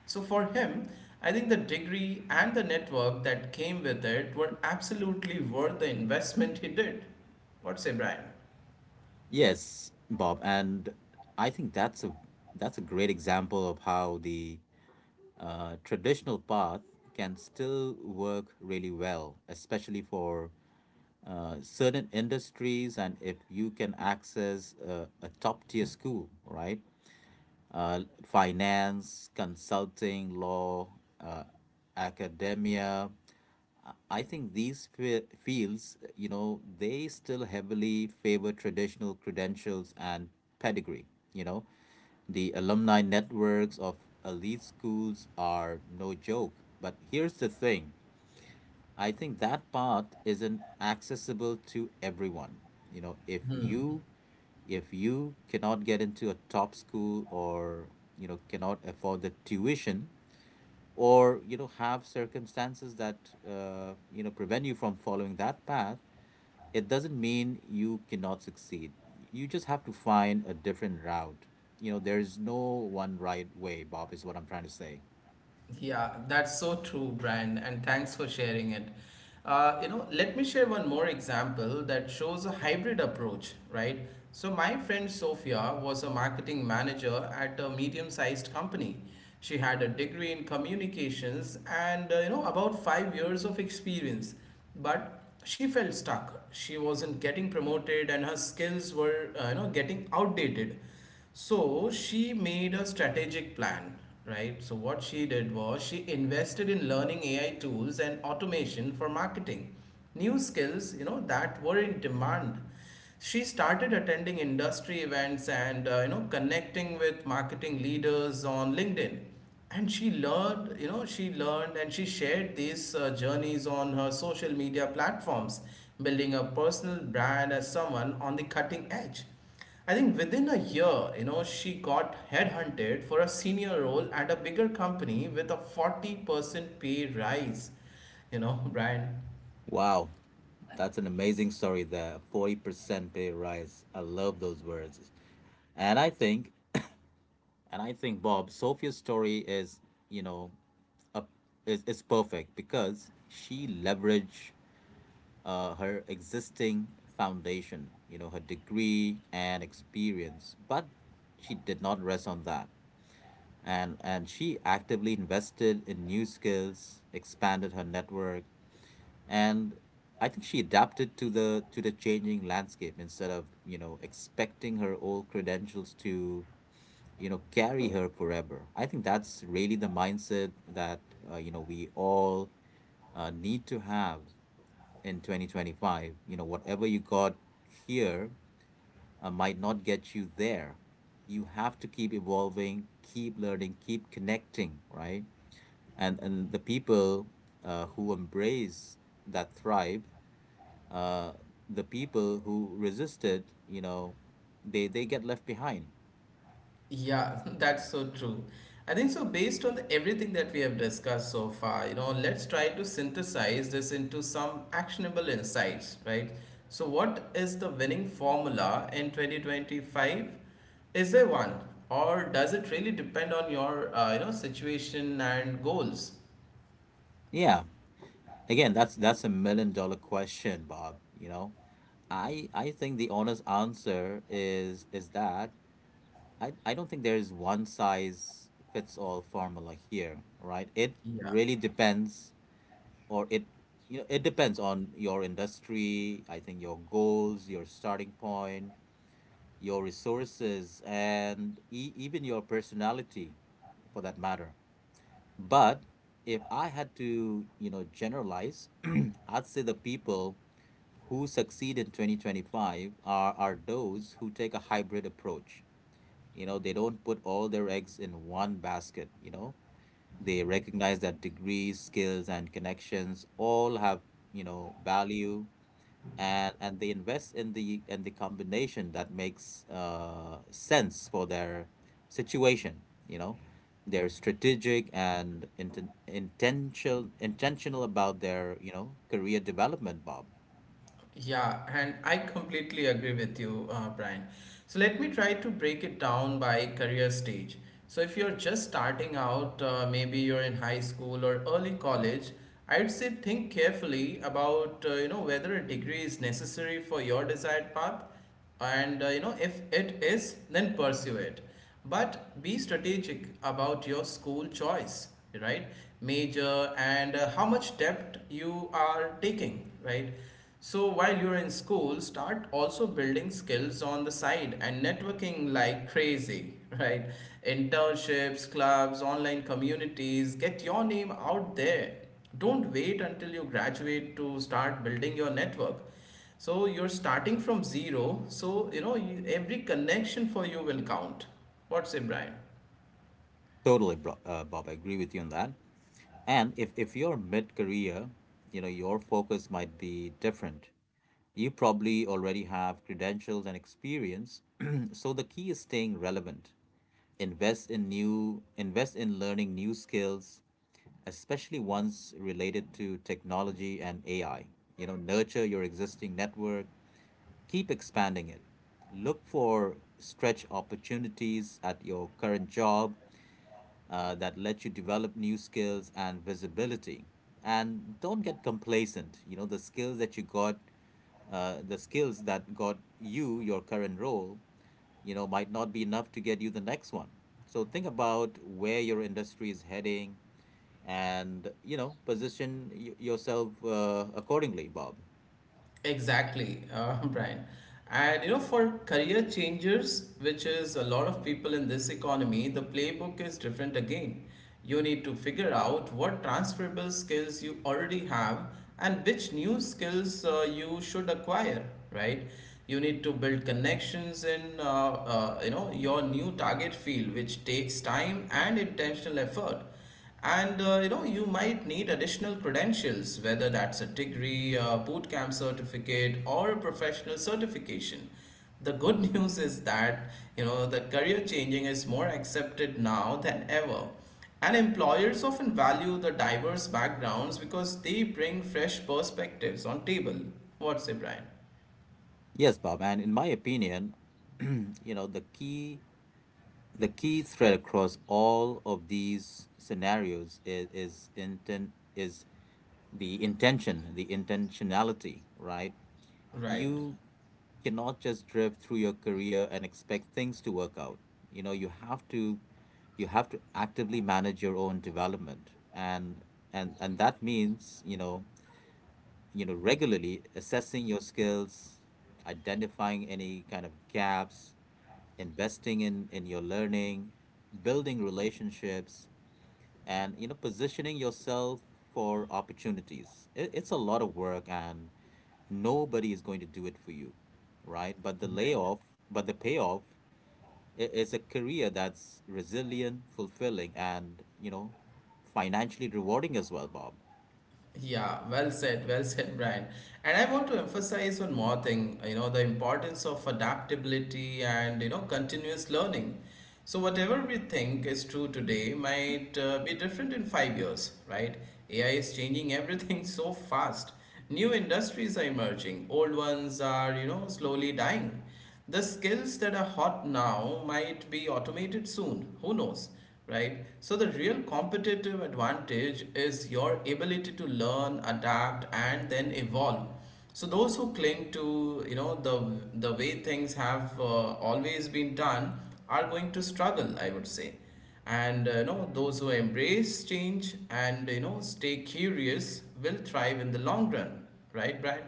S1: So for him, I think the degree and the network that came with it were absolutely worth the investment he did. What say, Brian?
S2: Yes, Bob, and I think that's a that's a great example of how the uh, traditional path can still work really well, especially for uh, certain industries, and if you can access a, a top tier school, right? Uh, finance, consulting, law, uh, academia, I think these fe- fields, you know, they still heavily favor traditional credentials and pedigree. You know, the alumni networks of elite schools are no joke. But here's the thing, I think that part isn't accessible to everyone. You know, if you if you cannot get into a top school, or you know, cannot afford the tuition, or you know, have circumstances that, uh, you know, prevent you from following that path, it doesn't mean you cannot succeed. You just have to find a different route. You know, there's no one right way, Bob, is what I'm trying to say.
S1: Yeah, that's so true, Brian, and thanks for sharing it. Uh, you know, let me share one more example that shows a hybrid approach, right? So, my friend Sophia was a marketing manager at a medium sized company. She had a degree in communications and, uh, you know, about five years of experience, but she felt stuck. She wasn't getting promoted and her skills were, uh, you know, getting outdated. So she made a strategic plan, right? So what she did was she invested in learning A I tools and automation for marketing, new skills, you know, that were in demand. She started attending industry events and uh, you know connecting with marketing leaders on LinkedIn. And she learned, you know, she learned and she shared these uh, journeys on her social media platforms, building a personal brand as someone on the cutting edge. I think within a year, you know, she got headhunted for a senior role at a bigger company with a forty percent pay rise. You know, Brian,
S2: Wow, that's an amazing story there. forty percent pay rise, I love those words. And I think, and i think Bob, Sophia's story is, you know, a, is, is perfect because she leveraged, uh, her existing foundation, you know, her degree and experience. But she did not rest on that. And, and she actively invested in new skills, expanded her network, and I think she adapted to the to the changing landscape instead of, you know, expecting her old credentials to, you know, carry her forever. I think that's really the mindset that, uh, you know, we all, uh, need to have in twenty twenty-five. You know, whatever you got here, uh, might not get you there. You have to keep evolving, keep learning, keep connecting, right? And and the people, uh, who embrace that, thrive. Uh, the people who resisted, you know, they they get left behind.
S1: yeah, that's so true. I think so, based on the, everything that we have discussed so far, you know, let's try to synthesize this into some actionable insights, right? So, what is the winning formula in twenty twenty-five? Is there one, or does it really depend on your, uh, you know, situation and goals?
S2: Yeah. Again, that's that's a million dollar question, Bob, you know. I I think the honest answer is is that, I, I don't think there is one size fits all formula here, right? It really depends, or it, you know, it depends on your industry, I think, your goals, your starting point, your resources, and e- even your personality, for that matter. But if I had to, you know, generalize, I'd say the people who succeed in twenty twenty-five are, are those who take a hybrid approach. You know, they don't put all their eggs in one basket, you know. They recognize that degrees, skills, and connections all have, you know, value, and and they invest in the, in the combination that makes, uh, sense for their situation, you know. They're strategic and inten intentional intentional about their, you know, career development, Bob.
S1: Yeah, and I completely agree with you, uh, Brian. So let me try to break it down by career stage. So if you're just starting out, uh, maybe you're in high school or early college, I'd say think carefully about uh, you know whether a degree is necessary for your desired path and uh, you know if it is then pursue it, but be strategic about your school choice, right, major and uh, how much depth you are taking, right? So while you're in school, start also building skills on the side and networking like crazy right, internships, clubs, online communities, get your name out there. Don't wait until you graduate to start building your network. So you're starting from zero, so you know you, every connection for you will count. What's it, Brian?
S2: Totally, bro uh, Bob, I agree with you on that. And if, if you're mid career, you know, your focus might be different. You probably already have credentials and experience. So the key is staying relevant. Invest in new invest in learning new skills, especially ones related to technology and A I. You know, nurture your existing network, keep expanding it. Look for stretch opportunities at your current job, uh, that let's you develop new skills and visibility. And don't get complacent. You know, the skills that you got, uh, the skills that got you your current role, you know, might not be enough to get you the next one. So think about where your industry is heading, and you know, position y- yourself, uh, accordingly, Bob.
S1: Exactly, uh, Brian. And you know, for career changers, which is a lot of people in this economy, the playbook is different again. You need to figure out what transferable skills you already have and which new skills uh, you should acquire, right? You need to build connections in uh, uh, you know your new target field, which takes time and intentional effort. And uh, you know, you might need additional credentials, whether that's a degree, a boot camp certificate, or a professional certification. The good news is that you know the career changing is more accepted now than ever. And employers often value the diverse backgrounds because they bring fresh perspectives on table. What's it, Brian?
S2: Yes, Bob. And in my opinion, you know, the key the key thread across all of these scenarios is, is intent is the intention, the intentionality right?
S1: Right.
S2: You cannot just drift through your career and expect things to work out. You know, you have to you have to actively manage your own development, and and and that means, you know, you know regularly assessing your skills, identifying any kind of gaps, investing in in your learning, building relationships, and you know, positioning yourself for opportunities. It, it's a lot of work, and nobody is going to do it for you, right? But the layoff but the payoff i- is a career that's resilient, fulfilling, and you know, financially rewarding as well, Bob.
S1: Yeah, well said, well said, Brian. And I want to emphasize one more thing, you know, the importance of adaptability and, you know, continuous learning. So, whatever we think is true today might uh, be different in five years, right? A I is changing everything so fast. New industries are emerging, old ones are, you know, slowly dying. The skills that are hot now might be automated soon, who knows, right? So the real competitive advantage is your ability to learn, adapt, and then evolve. So those who cling to you know the the way things have uh, always been done are going to struggle, I would say. And uh, you know those who embrace change and you know stay curious will thrive in the long run, right, Brad?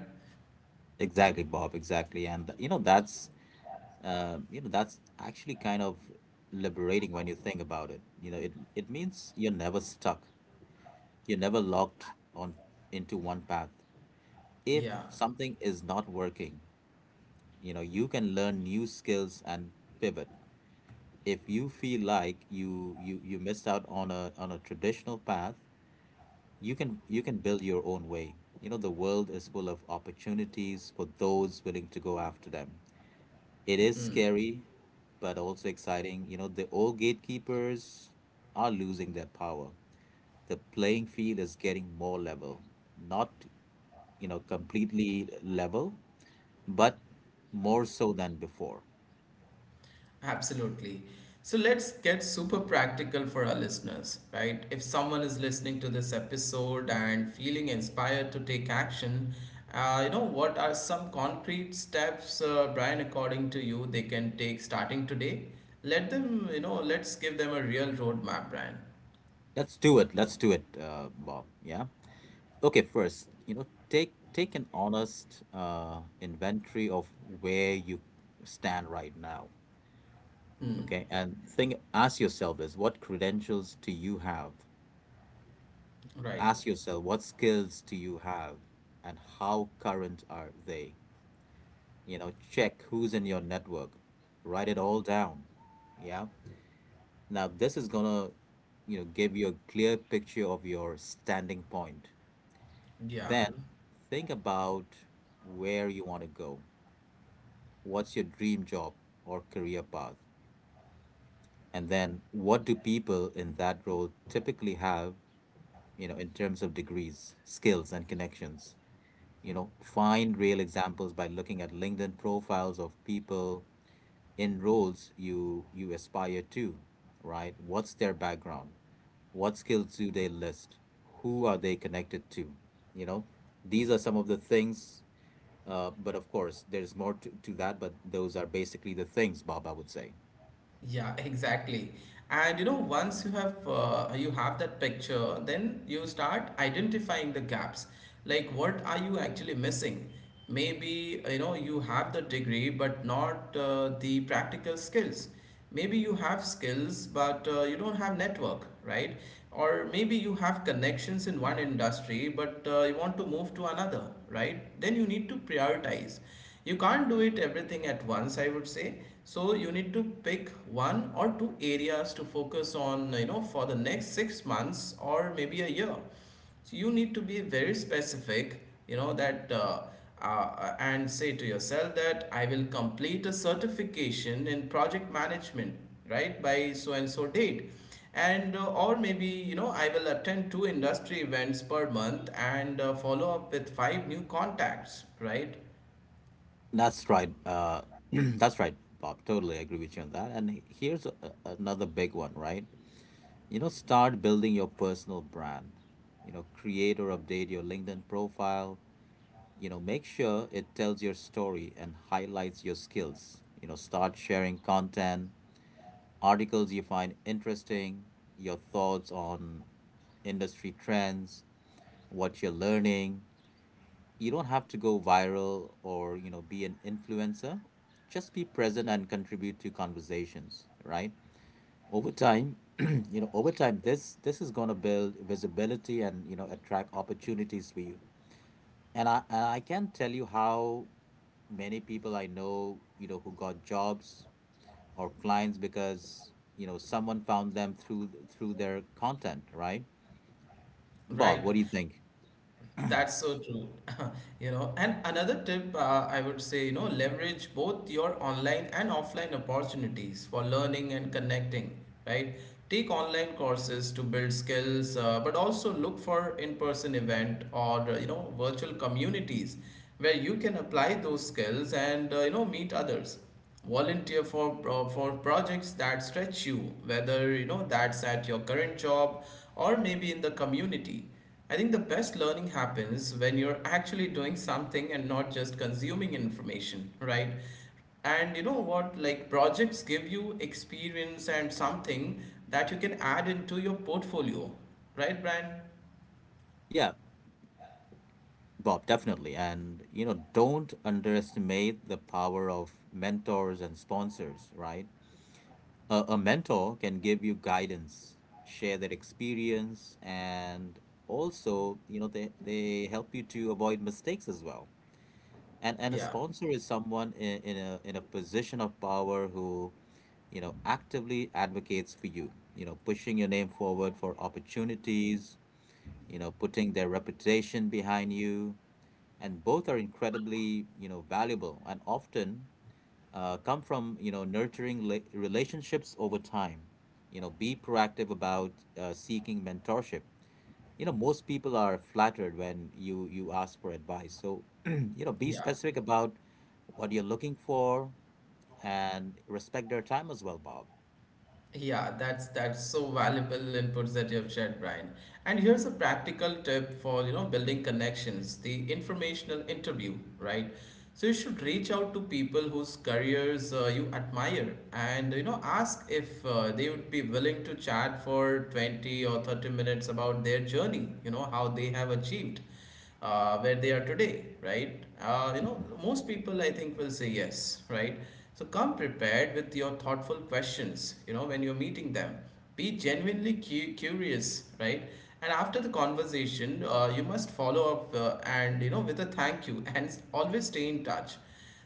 S2: Exactly, Bob, exactly. And you know, that's Um, you know, that's actually kind of liberating when you think about it. You know, it it means you're never stuck. You're never locked on into one path. If
S1: Yeah.
S2: something is not working, you know, you can learn new skills and pivot. If you feel like you you you missed out on a on a traditional path, you can you can build your own way. You know, the world is full of opportunities for those willing to go after them. It is scary, but also exciting. You know, the old gatekeepers are losing their power. The playing field is getting more level, not, you know, completely level, but more so than before.
S1: Absolutely. So let's get super practical for our listeners, right? If someone is listening to this episode and feeling inspired to take action, uh, you know, what are some concrete steps, uh, Brian, according to you, they can take starting today? Let them, you know, let's give them a real roadmap, Brian.
S2: Let's do it. Let's do it, uh, Bob. Yeah. Okay, first, you know, take take an honest, uh, inventory of where you stand right now.
S1: Hmm.
S2: Okay, and think ask yourself this: what credentials do you have?
S1: Right.
S2: Ask yourself, what skills do you have and how current are they? You know, check who's in your network. Write it all down. Yeah. Now this is gonna, you know, give you a clear picture of your standing point.
S1: Yeah.
S2: Then think about where you want to go. What's your dream job or career path? And then, what do people in that role typically have, you know, in terms of degrees, skills, and connections? You know, find real examples by looking at LinkedIn profiles of people in roles you you aspire to, right? What's their background? What skills do they list? Who are they connected to? You know, these are some of the things. Uh, but of course, there's more to, to that. But those are basically the things, Bob, I would say.
S1: Yeah, exactly. And you know, once you have uh, you have that picture, then you start identifying the gaps. Like, what are you actually missing? Maybe you know you have the degree, but not uh, the practical skills. Maybe you have skills, but uh, you don't have network, right? Or maybe you have connections in one industry, but uh, you want to move to another, right? Then you need to prioritize, you can't do it everything at once, I would say. So you need to pick one or two areas to focus on, you know, for the next six months or maybe a year. So you need to be very specific, you know that uh, uh, and say to yourself that I will complete a certification in project management, right, by so and so date. And uh, or maybe you know I will attend two industry events per month and uh, follow up with five new contacts, right?
S2: That's right. Uh, that's right, Bob. Totally agree with you on that. And here's a, a- another big one, right? You know, start building your personal brand. You know, create or update your LinkedIn profile. You know, make sure it tells your story and highlights your skills. You know, start sharing content, articles you find interesting, your thoughts on industry trends, what you're learning. You don't have to go viral or you know, be an influencer. Just be present and contribute to conversations, right? Over time, you know, over time, this this is going to build visibility and you know, attract opportunities for you. And i and i can't tell you how many people I know, you know, who got jobs or clients because, you know, someone found them through through their content, right? Bob,
S1: Right.
S2: what do you think?
S1: That's so true. You know, and another tip uh, I would say, you know, leverage both your online and offline opportunities for learning and connecting, right? Take online courses to build skills, uh, but also look for in-person event or, uh, you know, virtual communities where you can apply those skills and, uh, you know, meet others, volunteer for pro- for projects that stretch you, whether you know that's at your current job or maybe in the community. I think the best learning happens when you're actually doing something and not just consuming information, right? And you know what, like projects give you experience and something that you can add into your portfolio, right, Brian?
S2: Yeah, Bob, definitely. And you know, don't underestimate the power of mentors and sponsors, right? A, a mentor can give you guidance, share their experience, and also, you know, they, they help you to avoid mistakes as well. And and a
S1: Yeah.
S2: sponsor is someone in, in a in a position of power who, you know, actively advocates for you, you know, pushing your name forward for opportunities, you know, putting their reputation behind you. And both are incredibly, you know, valuable and often, uh, come from you know, nurturing la- relationships over time. You know, be proactive about, uh, seeking mentorship. You know, most people are flattered when you you ask for advice, so you know, be
S1: Yeah.
S2: specific about what you're looking for and respect their time as well, Bob.
S1: Yeah, that's that's so valuable inputs that you have shared, Brian. And here's a practical tip for you know building connections: the informational interview, right? So you should reach out to people whose careers uh, you admire, and you know ask if uh, they would be willing to chat for twenty or thirty minutes about their journey. You know how they have achieved uh, where they are today, right? Uh, you know, most people I think will say yes, right? So come prepared with your thoughtful questions, you know, when you're meeting them. Be genuinely cu- curious, right? And after the conversation, uh, you must follow up uh, and, you know, with a thank you and s- always stay in touch.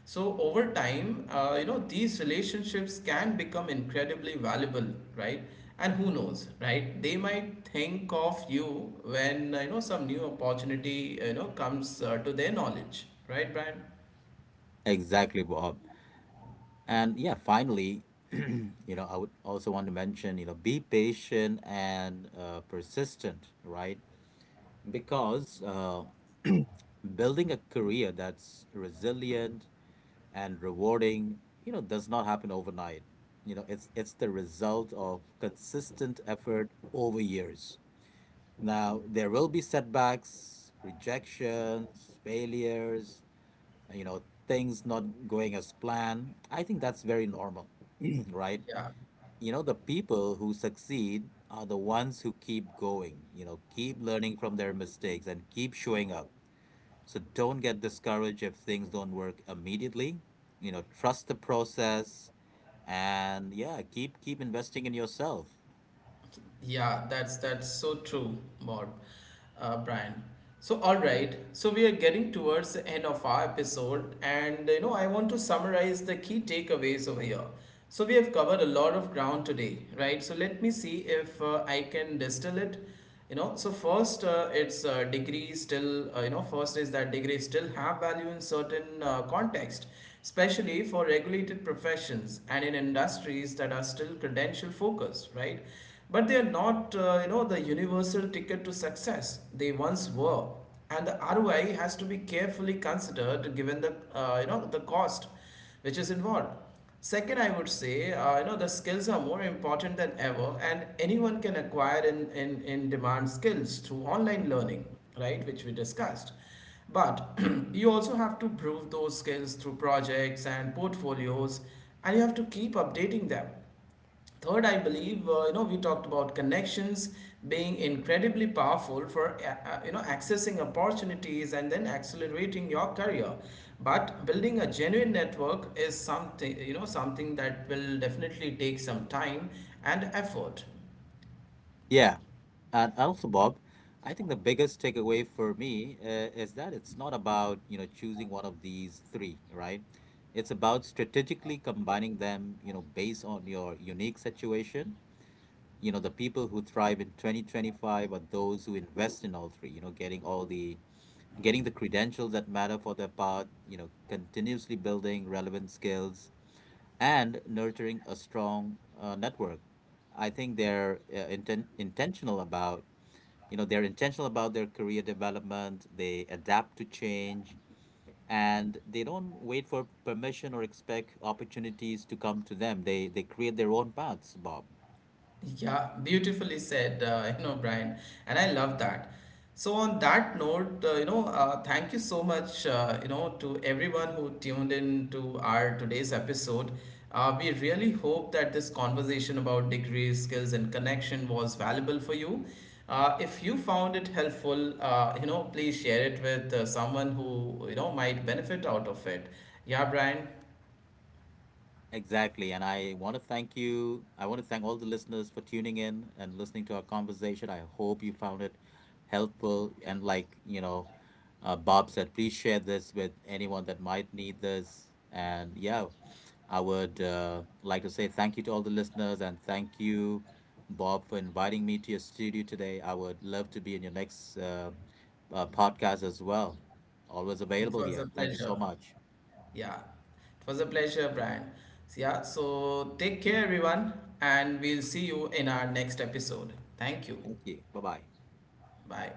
S1: So over time, uh, you know, these relationships can become incredibly valuable, right? And who knows, right? They might think of you when, uh, you know, some new opportunity, you know, comes uh, to their knowledge, right, Brian?
S2: Exactly, Bob. And yeah, finally, you know, I would also want to mention, you know, be patient and, uh, persistent, right? Because, uh, building a career that's resilient and rewarding, you know, does not happen overnight. You know, it's it's the result of consistent effort over years. Now there will be setbacks, rejections, failures, you know, things not going as planned. I think that's very normal. Right?
S1: Yeah.
S2: You know, the people who succeed are the ones who keep going, you know, keep learning from their mistakes and keep showing up. So don't get discouraged if things don't work immediately. You know, trust the process, and yeah, keep keep investing in yourself.
S1: Yeah, that's that's so true, Bob, uh, Brian. So all right, so we are getting towards the end of our episode, and you know I want to summarize the key takeaways over here. So we have covered a lot of ground today, right? So let me see if uh, I can distill it. You know, so first uh, it's uh, degree still uh, you know first is that degrees still have value in certain uh, context, especially for regulated professions and in industries that are still credential focused, right? But they are not uh, you know the universal ticket to success they once were, and the R O I has to be carefully considered given the uh, you know the cost which is involved. Second, I would say, uh, you know, the skills are more important than ever, and anyone can acquire in, in, in demand skills through online learning, right, which we discussed. But you also have to prove those skills through projects and portfolios, and you have to keep updating them. Third, I believe uh, you know we talked about connections being incredibly powerful for uh, uh, you know accessing opportunities and then accelerating your career. But building a genuine network is something you know something that will definitely take some time and effort.
S2: Yeah. And also, Bob, I think the biggest takeaway for me, uh, is that it's not about, you know, choosing one of these three, right? It's about strategically combining them, you know, based on your unique situation. You know, the people who thrive in twenty twenty-five are those who invest in all three, you know, getting all the getting the credentials that matter for their part, you know, continuously building relevant skills and nurturing a strong, uh, network. I think they're, uh, inten intentional about, you know, they're intentional about their career development, they adapt to change, and they don't wait for permission or expect opportunities to come to them. They they create their own paths, Bob.
S1: Yeah, beautifully said, uh, you know, Brian, and I love that. So on that note, uh, you know, uh, thank you so much, uh, you know, to everyone who tuned in to our today's episode. Uh, we really hope that this conversation about degrees, skills, and connection was valuable for you. Uh, if you found it helpful, uh, you know, please share it with uh, someone who you know might benefit out of it. Yeah, Brian,
S2: Exactly. And I want to thank you. I want to thank all the listeners for tuning in and listening to our conversation. I hope you found it helpful. And like, you know, uh, Bob said, please share this with anyone that might need this. And yeah, I would, uh, like to say thank you to all the listeners, and thank you, Bob, for inviting me to your studio today. I would love to be in your next, uh, uh, podcast as well. Always
S1: it
S2: available
S1: was
S2: here.
S1: a
S2: Thank you so
S1: pleasure.
S2: much.
S1: Yeah, it was a pleasure, Brian. So, yeah, so take care, everyone, and we'll see you in our next episode. Thank you.
S2: Thank you. Bye bye.
S1: Bye.